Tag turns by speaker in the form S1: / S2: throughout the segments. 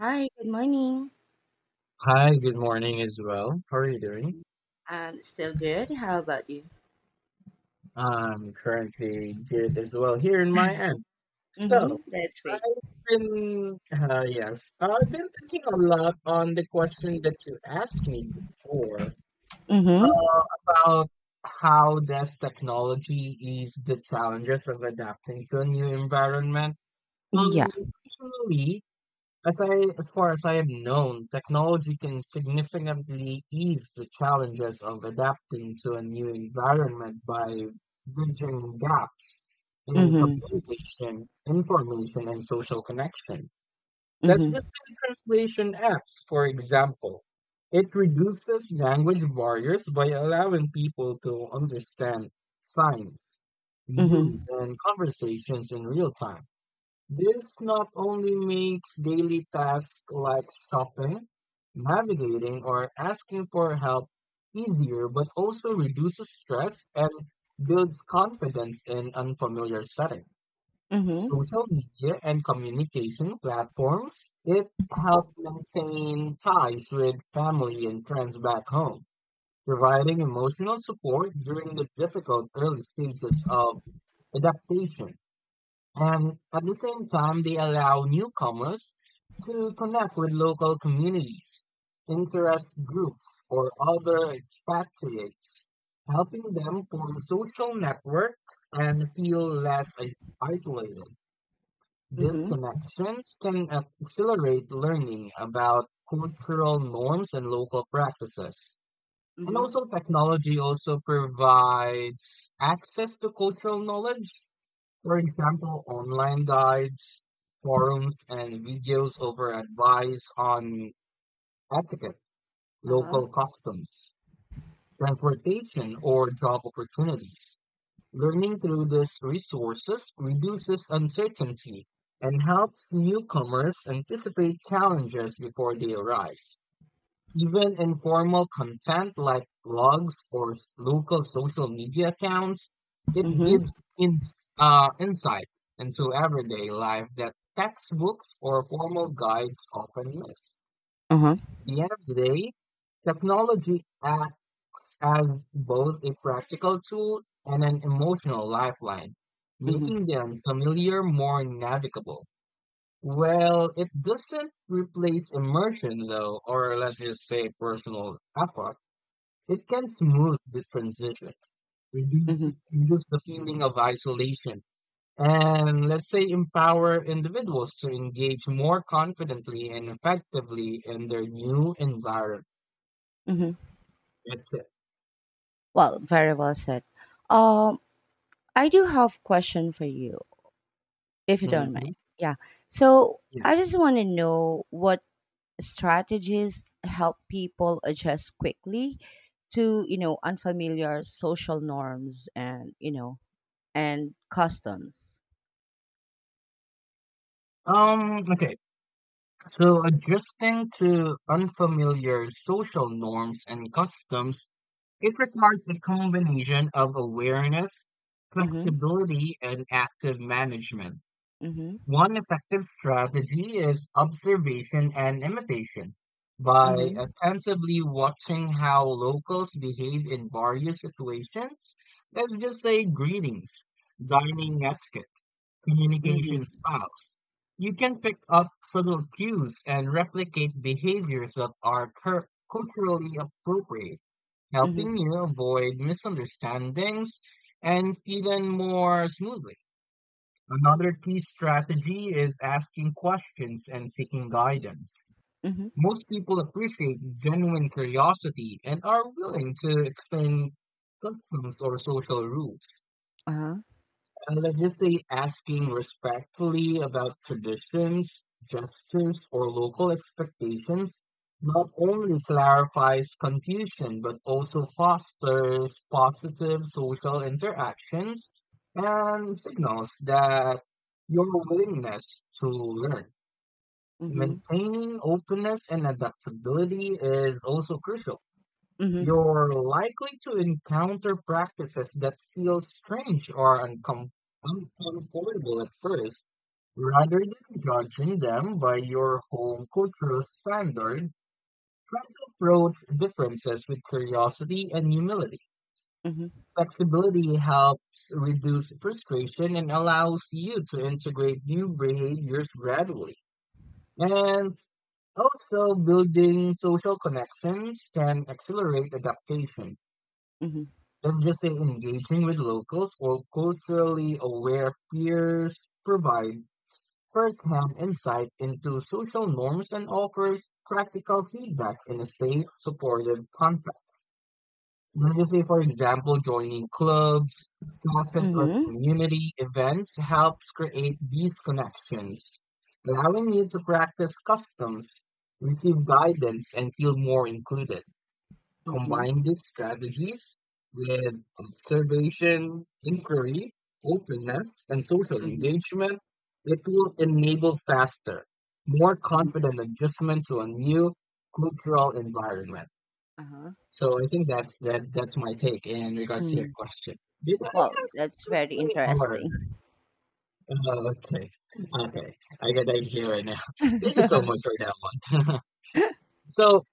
S1: Hi, good morning.
S2: Hi, good morning as well. How are you doing?
S1: I'm still good. How about you?
S2: I'm currently good as well here in my end. So,
S1: Mm-hmm. That's great.
S2: I've I've been thinking a lot on the question that you asked me before,
S1: Mm-hmm.
S2: uh, about how does technology ease the challenges of adapting to a new environment?
S1: Yeah.
S2: Um, personally, As far as I have known, technology can significantly ease the challenges of adapting to a new environment by bridging gaps in
S1: Mm-hmm.
S2: communication, information, and social connection. Let's just
S1: Mm-hmm.
S2: say translation apps, for example. It reduces language barriers by allowing people to understand signs, news,
S1: Mm-hmm.
S2: and conversations in real time. This not only makes daily tasks like shopping, navigating, or asking for help easier, but also reduces stress and builds confidence in unfamiliar settings.
S1: Mm-hmm.
S2: Social media and communication platforms, it help maintain ties with family and friends back home, providing emotional support during the difficult early stages of adaptation, and at the same time they allow newcomers to connect with local communities, interest groups, or other expatriates, helping them form social networks and feel isolated. These
S1: Mm-hmm.
S2: connections can accelerate learning about cultural norms and local practices. And
S1: Mm-hmm.
S2: also technology also provides access to cultural knowledge, for example, online guides, forums, and videos over advice on etiquette,
S1: Uh-huh.
S2: local customs, transportation, or job opportunities. Learning through these resources reduces uncertainty and helps newcomers anticipate challenges before they arise. Even informal content like blogs or local social media accounts, it
S1: Mm-hmm.
S2: gives insight into everyday life that textbooks or formal guides often miss.
S1: Uh-huh.
S2: At the end of the day, technology acts as both a practical tool and an emotional lifeline,
S1: Mm-hmm.
S2: making the unfamiliar more navigable. Well, it doesn't replace immersion though, or let's just say personal effort. It can smooth the transition, reduce,
S1: Mm-hmm.
S2: reduce the feeling of isolation, and let's say empower individuals to engage more confidently and effectively in their new environment.
S1: Mm-hmm.
S2: That's it.
S1: Well, very well said. Um, I do have question for you, if you don't
S2: Hmm.
S1: mind. Yeah. So I
S2: Yes.
S1: just want to know what strategies help people adjust quickly to, you know, unfamiliar social norms and, you know, and Customs.
S2: Okay. So adjusting to unfamiliar social norms and customs, it requires a combination of awareness,
S1: Mhm,
S2: flexibility, and active management.
S1: mhm,
S2: One effective strategy is observation and imitation. By
S1: mhm,
S2: attentively watching how locals behave in various situations, let's just say greetings, dining etiquette, communication
S1: mhm,
S2: styles, you can pick up subtle cues and replicate behaviors that are culturally appropriate, helping
S1: mhm,
S2: you avoid misunderstandings and feeling more smoothly. Another key strategy is asking questions and seeking guidance.
S1: mhm,
S2: Most people appreciate genuine curiosity and are willing to explain customs or social rules.
S1: uh-huh,
S2: And let's just say asking respectfully about traditions, gestures, or local expectations not only clarifies confusion but also fosters positive social interactions and signals that your willingness to learn.
S1: mhm,
S2: Maintaining openness and adaptability is also crucial.
S1: mhm,
S2: You're likely to encounter practices that feel strange or uncomfortable at first. Rather than judging them by your home cultural standard, try to approach differences with curiosity and humility.
S1: mhm,
S2: Flexibility helps reduce frustration and allows you to integrate new behaviors gradually. And also, building social connections can accelerate adaptation.
S1: mhm,
S2: Let's just say engaging with locals or culturally aware peers provide first-hand insight into social norms and offers practical feedback in a safe, supportive context. Let's just say, for example, joining clubs, classes, or
S1: mhm,
S2: community events helps create these connections, allowing you to practice customs, receive guidance, and feel more included.
S1: mhm,
S2: Combine these strategies with observation, inquiry, openness, and social
S1: mhm,
S2: engagement, it will enable faster, more
S1: mhm,
S2: confident adjustment to a new cultural environment.
S1: uh-huh,
S2: So I think that's my take in regards to your
S1: mm.
S2: question. Did I
S1: Well,
S2: answer
S1: that's very
S2: correctly or
S1: interesting.
S2: oh, okay. Okay. I got the idea right now. Thank you so much for that one. So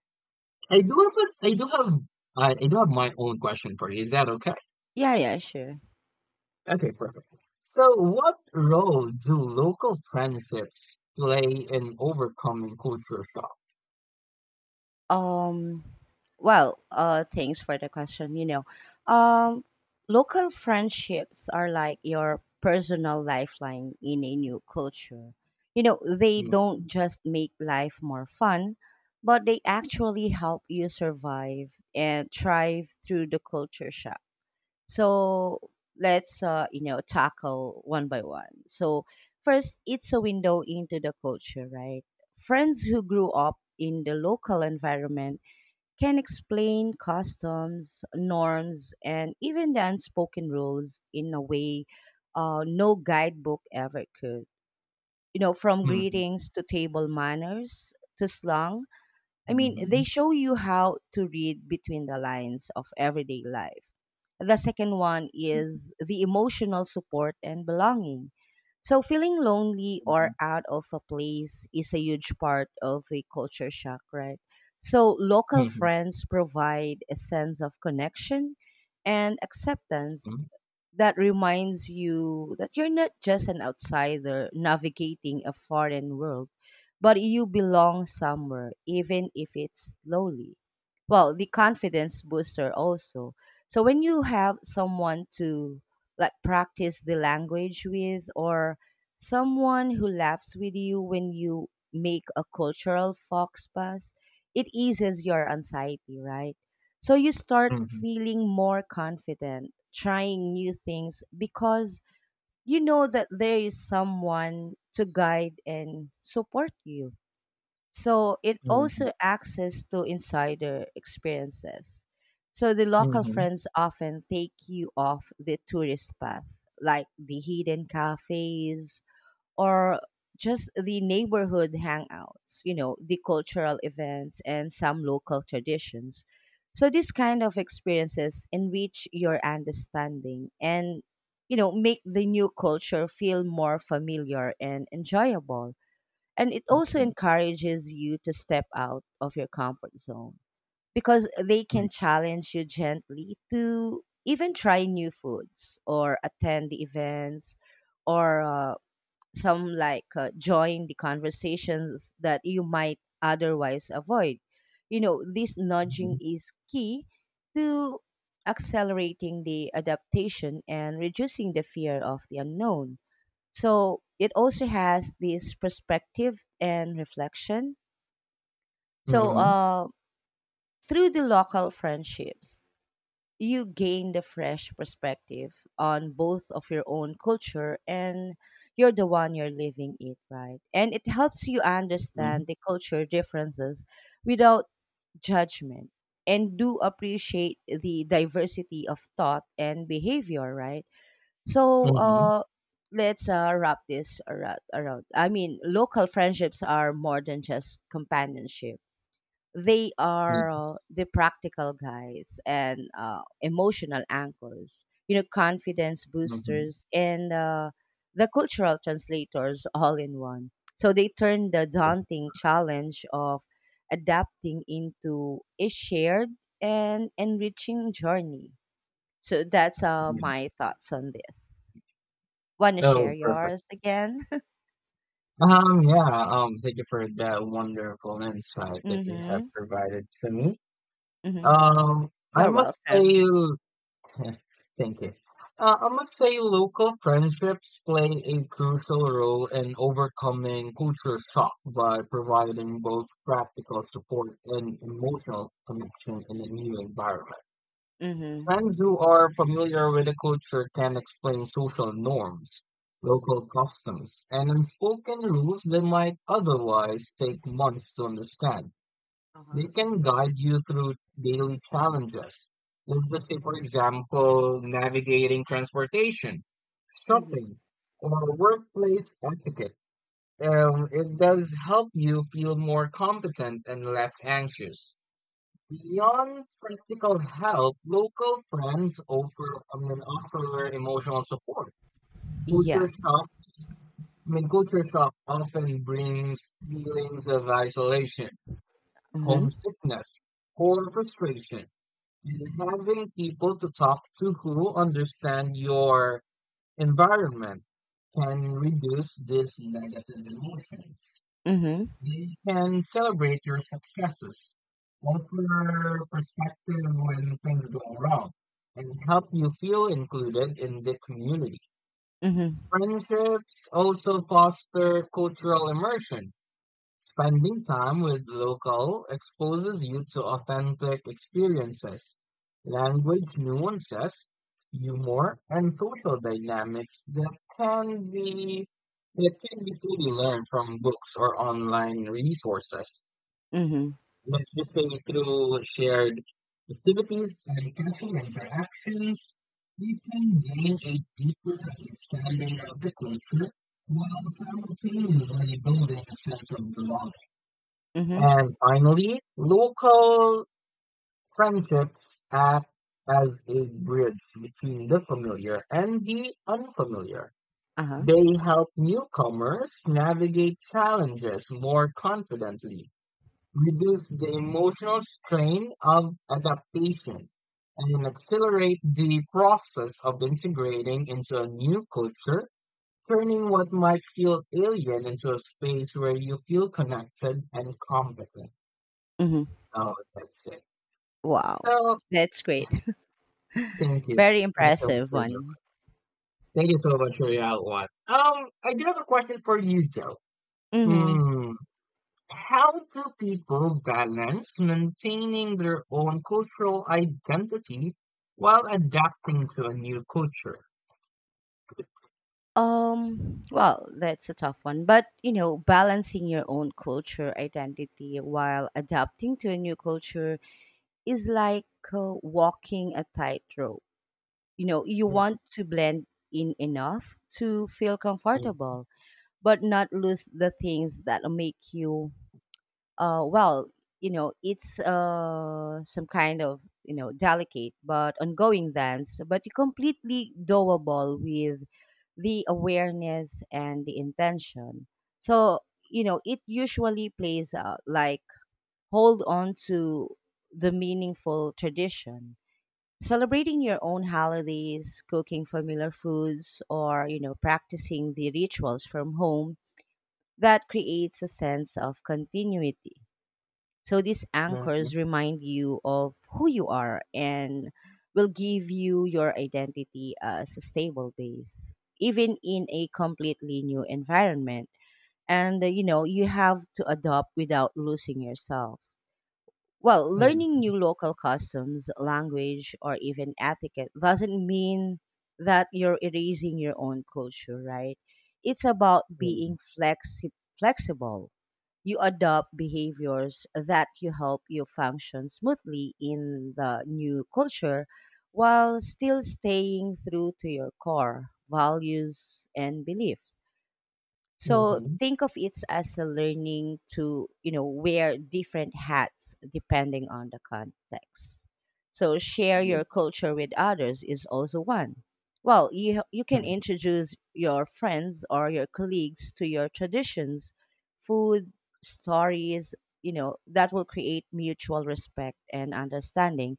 S2: I do have a, I do have my own question for you. Is that okay?
S1: Yeah, yeah, sure.
S2: Okay, perfect. So, what role do local friendships play in overcoming culture shock?
S1: Um, Well, thanks for the question. Um, Local friendships are like your personal lifeline in a new culture. You know, they
S2: Mm.
S1: don't just make life more fun, but they actually help you survive and thrive through the culture shock. So let's you know, tackle one by one. So, first, it's a window into the culture, right? Friends who grew up in the local environment can explain customs, norms, and even the unspoken rules in a way no guidebook ever could. You know, from
S2: Mhm.
S1: greetings to table manners to slang, I mean, they
S2: Mhm.
S1: show you how to read between the lines of everyday life. The second one is the emotional support and belonging. So, feeling lonely or out of a place is a huge part of a culture shock, right? So, local
S2: Mhm.
S1: friends provide a sense of connection and acceptance
S2: Mhm.
S1: that reminds you that you're not just an outsider navigating a foreign world, but you belong somewhere, even if it's slowly. Well, the confidence booster also. So when you have someone to like practice the language with, or someone who laughs with you when you make a cultural fox pass, it eases your anxiety, right? So you start
S2: Mhm.
S1: feeling more confident, trying new things because you know that there is someone to guide and support you. So it
S2: Mhm.
S1: also access to insider experiences. So the local
S2: Mhm.
S1: friends often take you off the tourist path, like the hidden cafes or just the neighborhood hangouts, you know, the cultural events and some local traditions. So these kind of experiences enrich your understanding and you know make the new culture feel more familiar and enjoyable. And it also
S2: Mhm.
S1: encourages you to step out of your comfort zone because they can challenge you gently to even try new foods or attend the events, or some like join the conversations that you might otherwise avoid. You know, this
S2: Mhm.
S1: nudging is key to accelerating the adaptation and reducing the fear of the unknown. So it also has this perspective and reflection. So
S2: Mhm.
S1: through the local friendships, you gained a fresh perspective on both of your own culture and you're the one you're living it, right, and it helps you
S2: Mhm. Mhm.
S1: understand the culture differences without judgment and do appreciate the diversity of thought and behavior, right. So
S2: Mhm.
S1: let's wrap this around. I mean, local friendships are more than just companionship. They are
S2: Yes.
S1: the practical guys, and emotional anchors, you know, confidence
S2: Mhm.
S1: boosters, and the cultural translators all in one. So they turn the
S2: Yes.
S1: daunting challenge of adapting into a shared and enriching journey. So that's my
S2: Yes.
S1: thoughts on this. Want to share
S2: Oh, perfect.
S1: yours again?
S2: Yeah, thank you for that wonderful insight that you have
S1: Mm-hmm.
S2: provided to me.
S1: Mm-hmm.
S2: I
S1: You're
S2: must say,
S1: welcome.
S2: yeah, thank you. I must say, local friendships play a crucial role in overcoming culture shock by providing both practical support and emotional connection in a new environment.
S1: Mm-hmm.
S2: Friends who are familiar with the culture can explain social norms, local customs, and unspoken rules they might otherwise take months to understand. They
S1: Uh-huh.
S2: can guide you through daily challenges. Let's just say, for example, navigating transportation,
S1: Mm-hmm.
S2: shopping, or workplace etiquette. It does help you feel more competent and less anxious. Beyond practical help, local friends offer emotional support.
S1: Yeah.
S2: Culture shocks, culture shock often brings feelings of isolation,
S1: Mm-hmm.
S2: homesickness, or frustration, and having people to talk to who understand your environment can reduce these negative emotions.
S1: Mhm,
S2: They can celebrate your successes, offer perspective when things go wrong, and help you feel included in the community.
S1: mhm,
S2: Friendships also foster cultural immersion. Spending time with local exposes you to authentic experiences, language nuances, humor, and social dynamics can be that can be fully learned from books or online resources.
S1: mhm,
S2: Let's just say through shared activities and casual interactions, you can gain a deeper understanding of the culture while simultaneously building a sense of belonging.
S1: mhm,
S2: And finally, local friendships act as a bridge between the familiar and the unfamiliar.
S1: uh-huh,
S2: They help newcomers navigate challenges more confidently, reduce the emotional strain of adaptation, and accelerate the process of integrating into a new culture, turning what might feel alien into a space where you feel connected and competent.
S1: mhm.
S2: So that's it.
S1: Wow,
S2: So
S1: that's great.
S2: thank you.
S1: Very
S2: Thank you so much
S1: impressive
S2: for your
S1: one.
S2: Thank you so much for your outline. I do have a question for you though.
S1: Mhm.
S2: Hmm, how do people balance maintaining their own cultural identity while adapting to a new culture?
S1: Well, that's a tough one, but you know, balancing your own culture identity while adapting to a new culture is like walking a tightrope. You know, you
S2: Mhm.
S1: want to blend in enough to feel
S2: Mhm.
S1: comfortable, but not lose the things that make you well, you know, it's some kind of you know delicate but ongoing dance, but completely doable with the awareness and the intention. So you know, it usually plays out like hold on to the meaningful tradition. Celebrating your own holidays, cooking familiar foods, or you know, practicing the rituals from home that creates a sense of continuity, so these
S2: Mhm.
S1: anchors remind you of who you are and will give you your identity as a stable base, even in a completely new environment. And you know, you have to adopt without losing yourself. Well, learning
S2: Mhm.
S1: new local customs, language, or even etiquette doesn't mean that you're erasing your own culture, right? It's about
S2: Mhm.
S1: being flexible. You adopt behaviors that you help you function smoothly in the new culture while still staying true to your core values and beliefs, so
S2: Mhm.
S1: think of it as a learning to, you know, wear different hats depending on the context. So share your
S2: Yes.
S1: culture with others is also one. Well, you can
S2: Mhm.
S1: introduce your friends or your colleagues to your traditions, food, stories, you know, that will create mutual respect and understanding,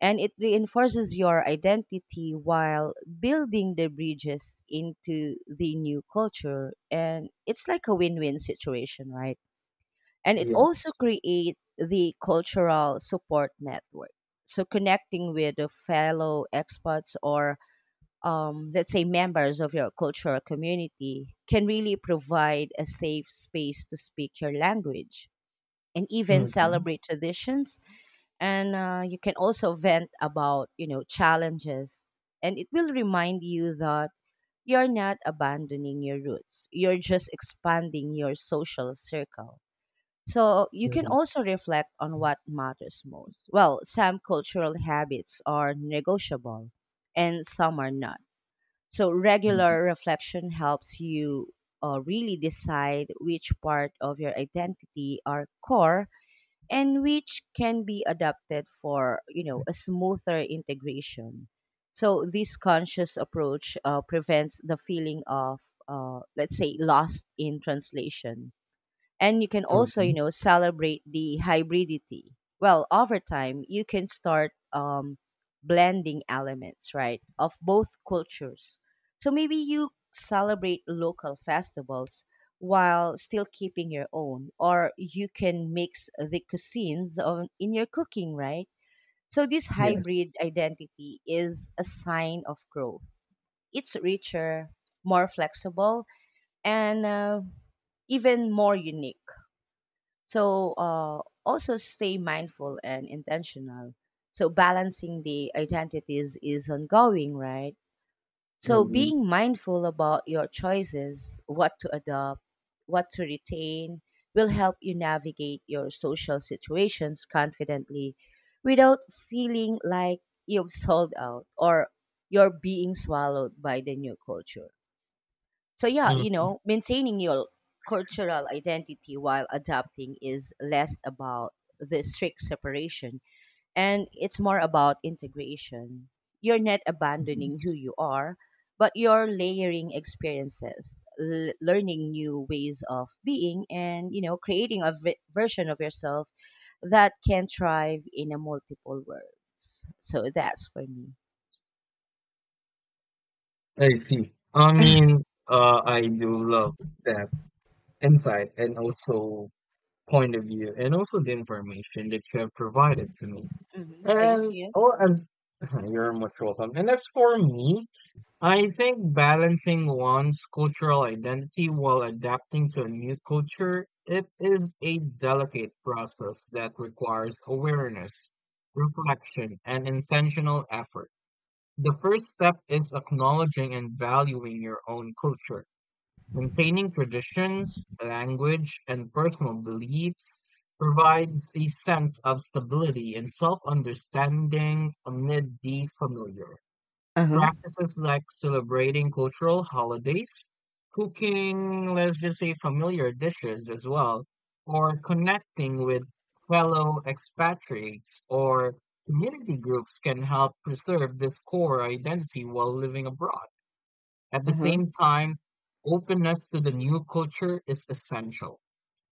S1: and it reinforces your identity while building the bridges into the new culture, and it's like a win-win situation, right. And it also
S2: Yes.
S1: creates the cultural support network, so connecting with the fellow expats or let's say members of your cultural community can really provide a safe space to speak your language and even
S2: Mhm.
S1: celebrate traditions, and you can also vent about you know challenges, and it will remind you that you're not abandoning your roots, you're just expanding your social circle. So you can
S2: Mhm.
S1: also reflect on what matters most. Well, some cultural habits are negotiable and some are not, so
S2: Mhm.
S1: regular reflection helps you really decide which part of your identity are core and which can be adapted for you know a smoother integration. So this conscious approach prevents the feeling of let's say lost in translation, and you can also you
S2: Mhm.
S1: know celebrate the hybridity. Well, over time you can start blending elements, right, of both cultures. So maybe you celebrate local festivals while still keeping your own, or you can mix the cuisines in your cooking, right. So this
S2: Yes.
S1: hybrid identity is a sign of growth. It's richer, more flexible, and even more unique. So also stay mindful and intentional. So balancing the identities is ongoing, right? So
S2: Mhm.
S1: being mindful about your choices, what to adopt, what to retain, will help you navigate your social situations confidently without feeling like you've sold out or you're being swallowed by the new culture. So yeah, you know, maintaining your cultural identity while adapting is less about the strict separation and it's more about integration. You're not
S2: Mhm.
S1: abandoning who you are, but you're layering experiences, learning new ways of being and, you know, creating a version of yourself that can thrive in a multiple worlds. So that's for me.
S2: I see. I mean, I do love that insight and also point of view and also the information that you have provided to me.
S1: Hmm. Thank
S2: And
S1: you.
S2: oh, as you're much welcome. And as for me, I think balancing one's cultural identity while adapting to a new culture, it is a delicate process that requires awareness, reflection, and intentional effort. The first step is acknowledging and valuing your own culture. Maintaining traditions, language, and personal beliefs provides a sense of stability and self understanding amid the familiar.
S1: Uh-huh.
S2: Practices like celebrating cultural holidays, cooking, let's just say, familiar dishes as well, or connecting with fellow expatriates or community groups can help preserve this core identity while living abroad. At the
S1: Uh-huh.
S2: same time, openness to the new culture is essential.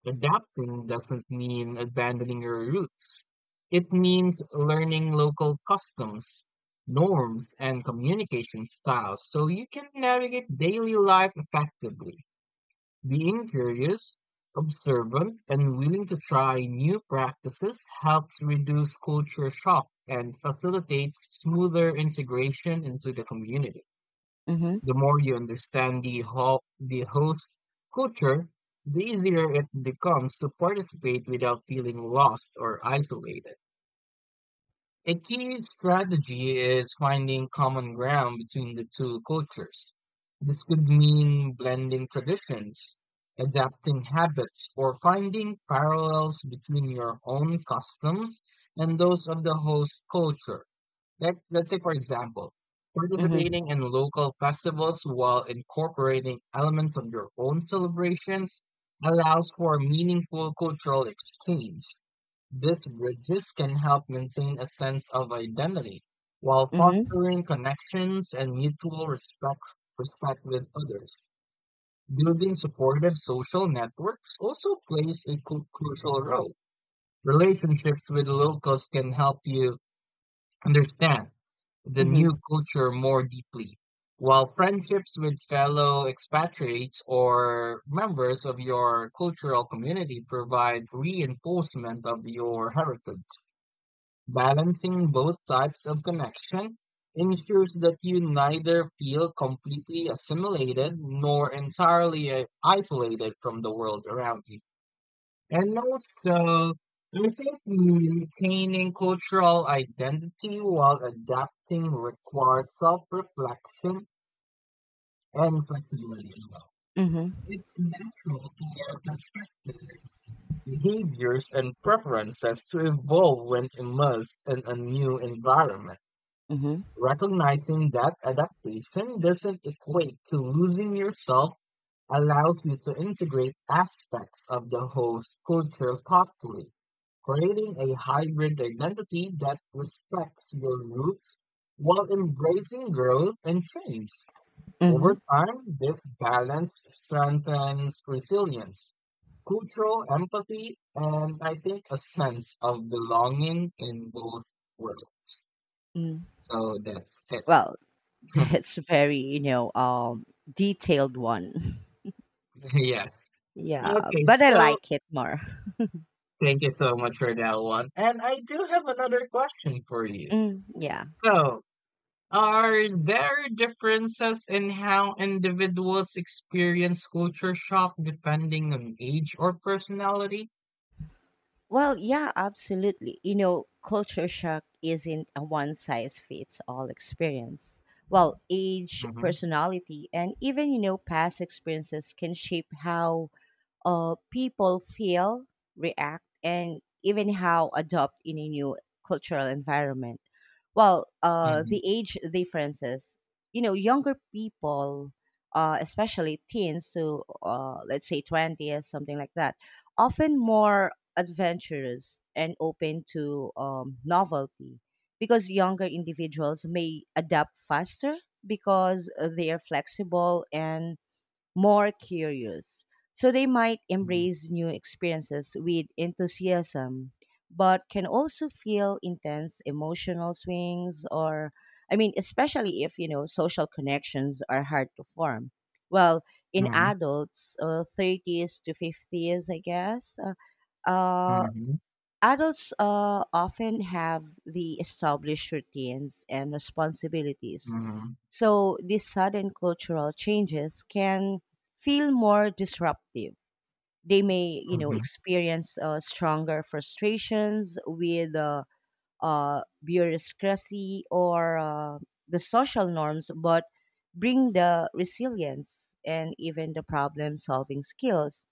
S2: Adapting doesn't mean abandoning your roots. It means learning local customs, norms, and communication styles so you can navigate daily life effectively. Being curious, observant, and willing to try new practices helps reduce culture shock and facilitates smoother integration into the community.
S1: Mm-hmm.
S2: The more you understand the host culture, the easier it becomes to participate without feeling lost or isolated. A key strategy is finding common ground between the two cultures. This could mean blending traditions, adapting habits, or finding parallels between your own customs and those of the host culture. Let's say, for example,
S1: Mm-hmm.
S2: participating in local festivals while incorporating elements of your own celebrations allows for meaningful cultural exchange. These bridges can help maintain a sense of identity while
S1: Mm-hmm.
S2: fostering connections and mutual respect with others. Building supportive social networks also plays a crucial role. Relationships with locals can help you understand the new
S1: Mm-hmm.
S2: culture more deeply, while friendships with fellow expatriates or members of your cultural community provide reinforcement of your heritage. Balancing both types of connection ensures that you neither feel completely assimilated nor entirely isolated from the world around you. And also, I think maintaining cultural identity while adapting requires self-reflection and flexibility as well.
S1: Mhm,
S2: It's natural for perspectives, behaviors, and preferences to evolve when immersed in a new environment.
S1: mhm,
S2: Recognizing that adaptation doesn't equate to losing yourself allows you to integrate aspects of the host culture thoughtfully, creating a hybrid identity that respects your roots while embracing growth and change. Over
S1: mhm,
S2: time, this balance strengthens resilience, cultural empathy, and I think a sense of belonging in both worlds.
S1: mm.
S2: So that's it.
S1: Well, that's very, you know, detailed one.
S2: Yes.
S1: Yeah,
S2: Okay,
S1: but I
S2: so
S1: like it more.
S2: thank you so much for that one. And I do have another question for you.
S1: Mm, yeah.
S2: So, are there differences in how individuals experience culture shock depending on age or personality?
S1: Well, yeah, absolutely. You know, culture shock isn't a one size fits all experience. Well, age,
S2: Mm-hmm.
S1: personality, and even, you know, past experiences can shape how people feel, react, and even how adopt in a new cultural environment. Well,
S2: Mm-hmm.
S1: the age differences, you know, younger people, especially teens to let's say 20s, something like that, often more adventurous and open to novelty because younger individuals may adapt faster because they are flexible and more curious. So they might embrace new experiences with enthusiasm, but can also feel intense emotional swings or I mean, especially if, you know, social connections are hard to form. Well, in
S2: Mm-hmm.
S1: adults, 30s to 50s, I guess, uh, uh,
S2: Mm-hmm.
S1: adults often have the established routines and responsibilities.
S2: Mm-hmm.
S1: So these sudden cultural changes can feel more disruptive. They may, you know,
S2: Mm-hmm.
S1: experience stronger frustrations with bureaucracy or the social norms, but bring the resilience and even the problem solving skills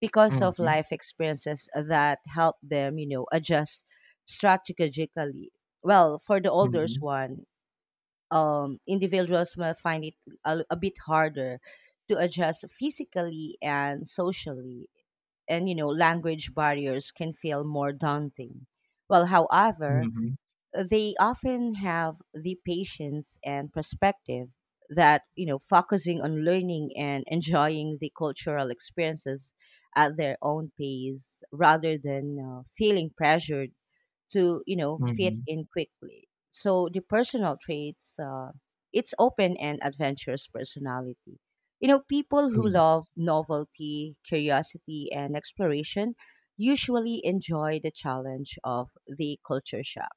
S1: because of
S2: Mm-hmm.
S1: life experiences that help them, you know, adjust strategically. Well, for the olders
S2: Mm-hmm.
S1: one, individuals may find it a bit harder to adjust physically and socially, and you know, language barriers can feel more daunting. Well, however,
S2: Mm-hmm.
S1: they often have the patience and perspective that you know focusing on learning and enjoying the cultural experiences at their own pace rather than feeling pressured to you know fit
S2: Mm-hmm.
S1: in quickly. So the personal traits it's open and adventurous personality, you know, people who love
S2: Yes.
S1: novelty curiosity and exploration usually enjoy the challenge of the culture shock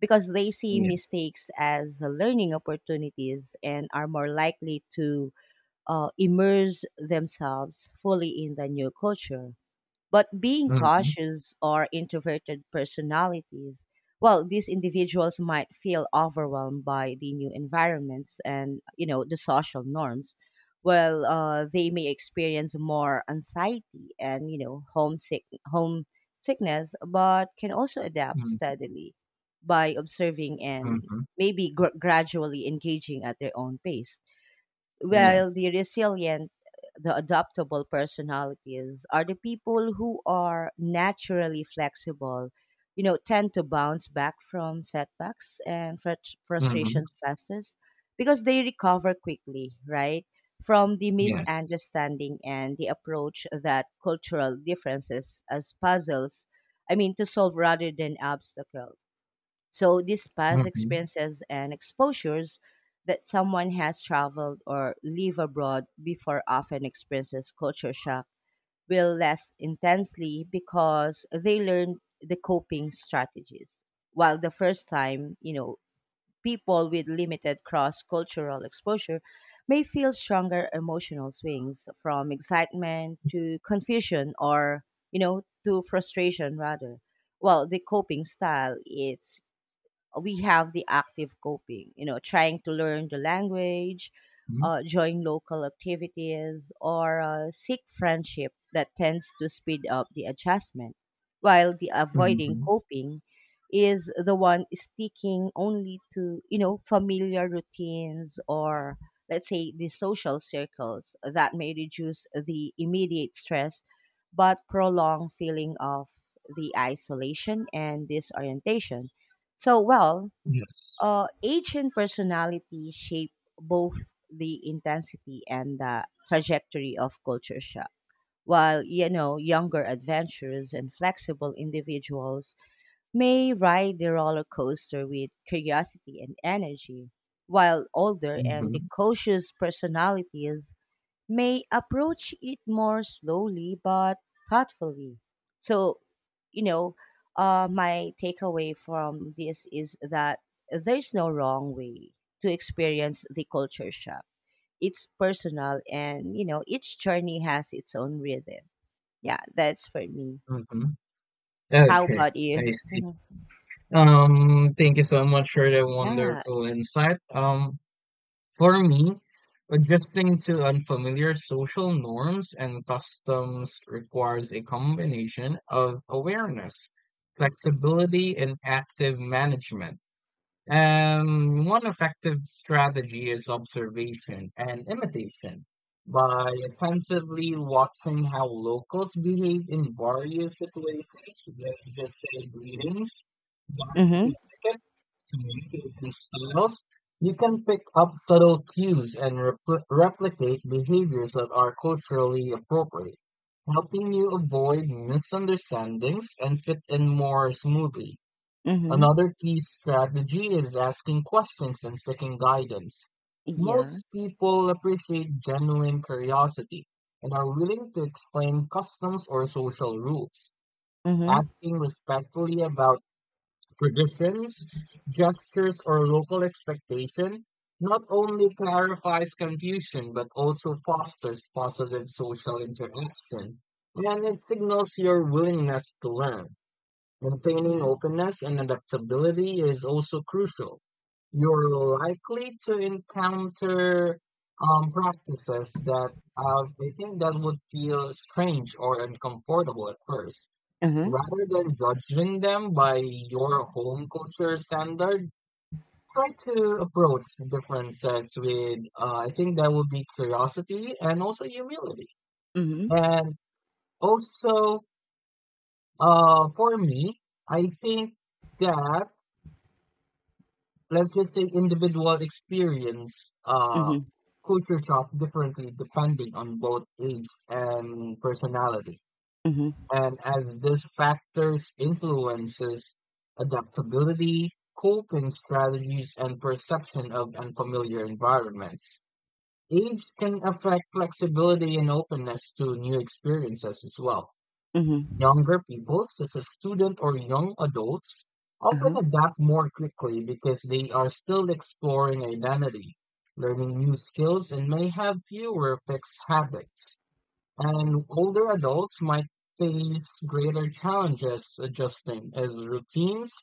S1: because they see
S2: Yes.
S1: mistakes as learning opportunities and are more likely to immerse themselves fully in the new culture. But being
S2: Mm-hmm.
S1: cautious or introverted personalities, well, these individuals might feel overwhelmed by the new environments and, you know, the social norms. Well, they may experience more anxiety and, you know, homesickness, but can also adapt steadily by observing and
S2: Mm-hmm.
S1: maybe gradually engaging at their own pace. Well,
S2: Yes.
S1: the resilient, the adaptable personalities are the people who are naturally flexible, you know, tend to bounce back from setbacks and
S2: Mm-hmm.
S1: frustrations fastest because they recover quickly, right? From the
S2: Yes.
S1: misunderstanding and the approach that cultural differences as puzzles, I mean, to solve rather than obstacles. So these past
S2: Mm-hmm.
S1: experiences and exposures that someone has traveled or live abroad before often experiences culture shock will last intensely because they learn the coping strategies. While the first time, you know, people with limited cross cultural exposure may feel stronger emotional swings from excitement to confusion or, you know, to frustration rather. Well, the coping style, it's we have the active coping, you know, trying to learn the language, join local activities, or seek friendship that tends to speed up the adjustment, while the avoiding
S2: Mhm.
S1: coping is the one sticking only to, you know, familiar routines or let's say the social circles that may reduce the immediate stress but prolong feeling of the isolation and disorientation. So, well,
S2: Yes.
S1: age and personality shape both the intensity and the trajectory of culture shock. While, you know, younger adventurers and flexible individuals may ride the roller coaster with curiosity and energy, while older and the
S2: Mhm.
S1: cautious personalities may approach it more slowly but thoughtfully. So, you know, my takeaway from this is that there's no wrong way to experience the culture shock. It's personal and, you know, each journey has its own rhythm. Yeah, that's for me.
S2: Mhm.
S1: How
S2: Okay,
S1: about you?
S2: I see.
S1: Mhm.
S2: Thank you so much for the
S1: Yeah.
S2: wonderful insight. For me, adjusting to unfamiliar social norms and customs requires a combination of awareness, flexibility, and active management. One effective strategy is observation and imitation. By attentively watching how locals behave in various situations, let's just say greetings, dining
S1: Mm
S2: etiquette, communication styles, you can pick up subtle cues and replicate behaviors that are culturally appropriate, helping you avoid misunderstandings and fit in more smoothly.
S1: hmm. Mm hmm.
S2: Another key strategy is asking questions and seeking guidance.
S1: Yeah.
S2: Most people appreciate genuine curiosity and are willing to explain customs or social rules.
S1: Mm
S2: Asking respectfully about traditions, gestures, or local expectation not only
S1: hmm.
S2: clarifies confusion but also fosters positive social interaction and it signals your willingness to learn.
S1: Mm
S2: Maintaining
S1: hmm.
S2: openness and adaptability is also crucial. You're likely to encounter practices that I think that would feel strange or uncomfortable at first.
S1: Mm hmm.
S2: Rather than judging them by your home culture standard, try to approach differences with, I think that would be curiosity and also humility.
S1: Mm
S2: And also, for me, I think that let's just say individual experience
S1: hmm.
S2: culture shock differently depending on both age and personality,
S1: Mm hmm.
S2: and as these factors influences adaptability, coping strategies, and perception of unfamiliar environments. Age can affect flexibility and openness to new experiences as well.
S1: Mm hmm.
S2: Younger people, such as students or young adults,
S1: Mm
S2: often
S1: hmm.
S2: adapt more quickly because they are still exploring identity, learning new skills, and may have fewer fixed habits. And older adults might face greater challenges adjusting as routines,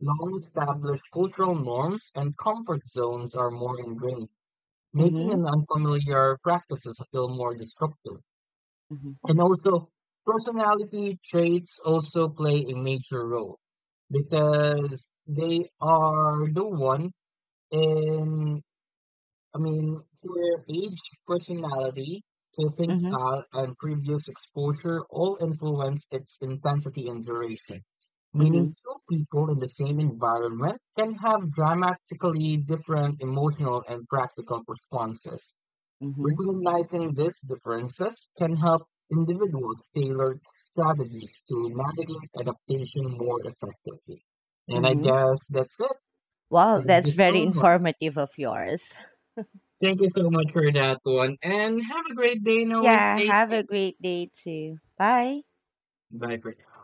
S2: long established cultural norms, and comfort zones are more ingrained, making
S1: Mm
S2: an unfamiliar practices feel more disruptive.
S1: hmm.
S2: And also, personality traits also play a major role because they are the one in, I mean, their age, personality, coping
S1: Mm hmm.
S2: style, and previous exposure all influence its intensity and duration. Meaning,
S1: Mm-hmm.
S2: two people in the same environment can have dramatically different emotional and practical responses.
S1: Mm-hmm.
S2: Recognizing these differences can help individuals tailor strategies to navigate adaptation more effectively. And I
S1: Mm-hmm.
S2: guess that's it.
S1: Well,
S2: Thank you
S1: that's
S2: so
S1: very
S2: much.
S1: informative of yours.
S2: Thank you so much for that one. And have a great day and always
S1: Yeah,
S2: stay
S1: have a
S2: safe.
S1: great day too. Bye.
S2: Bye for now.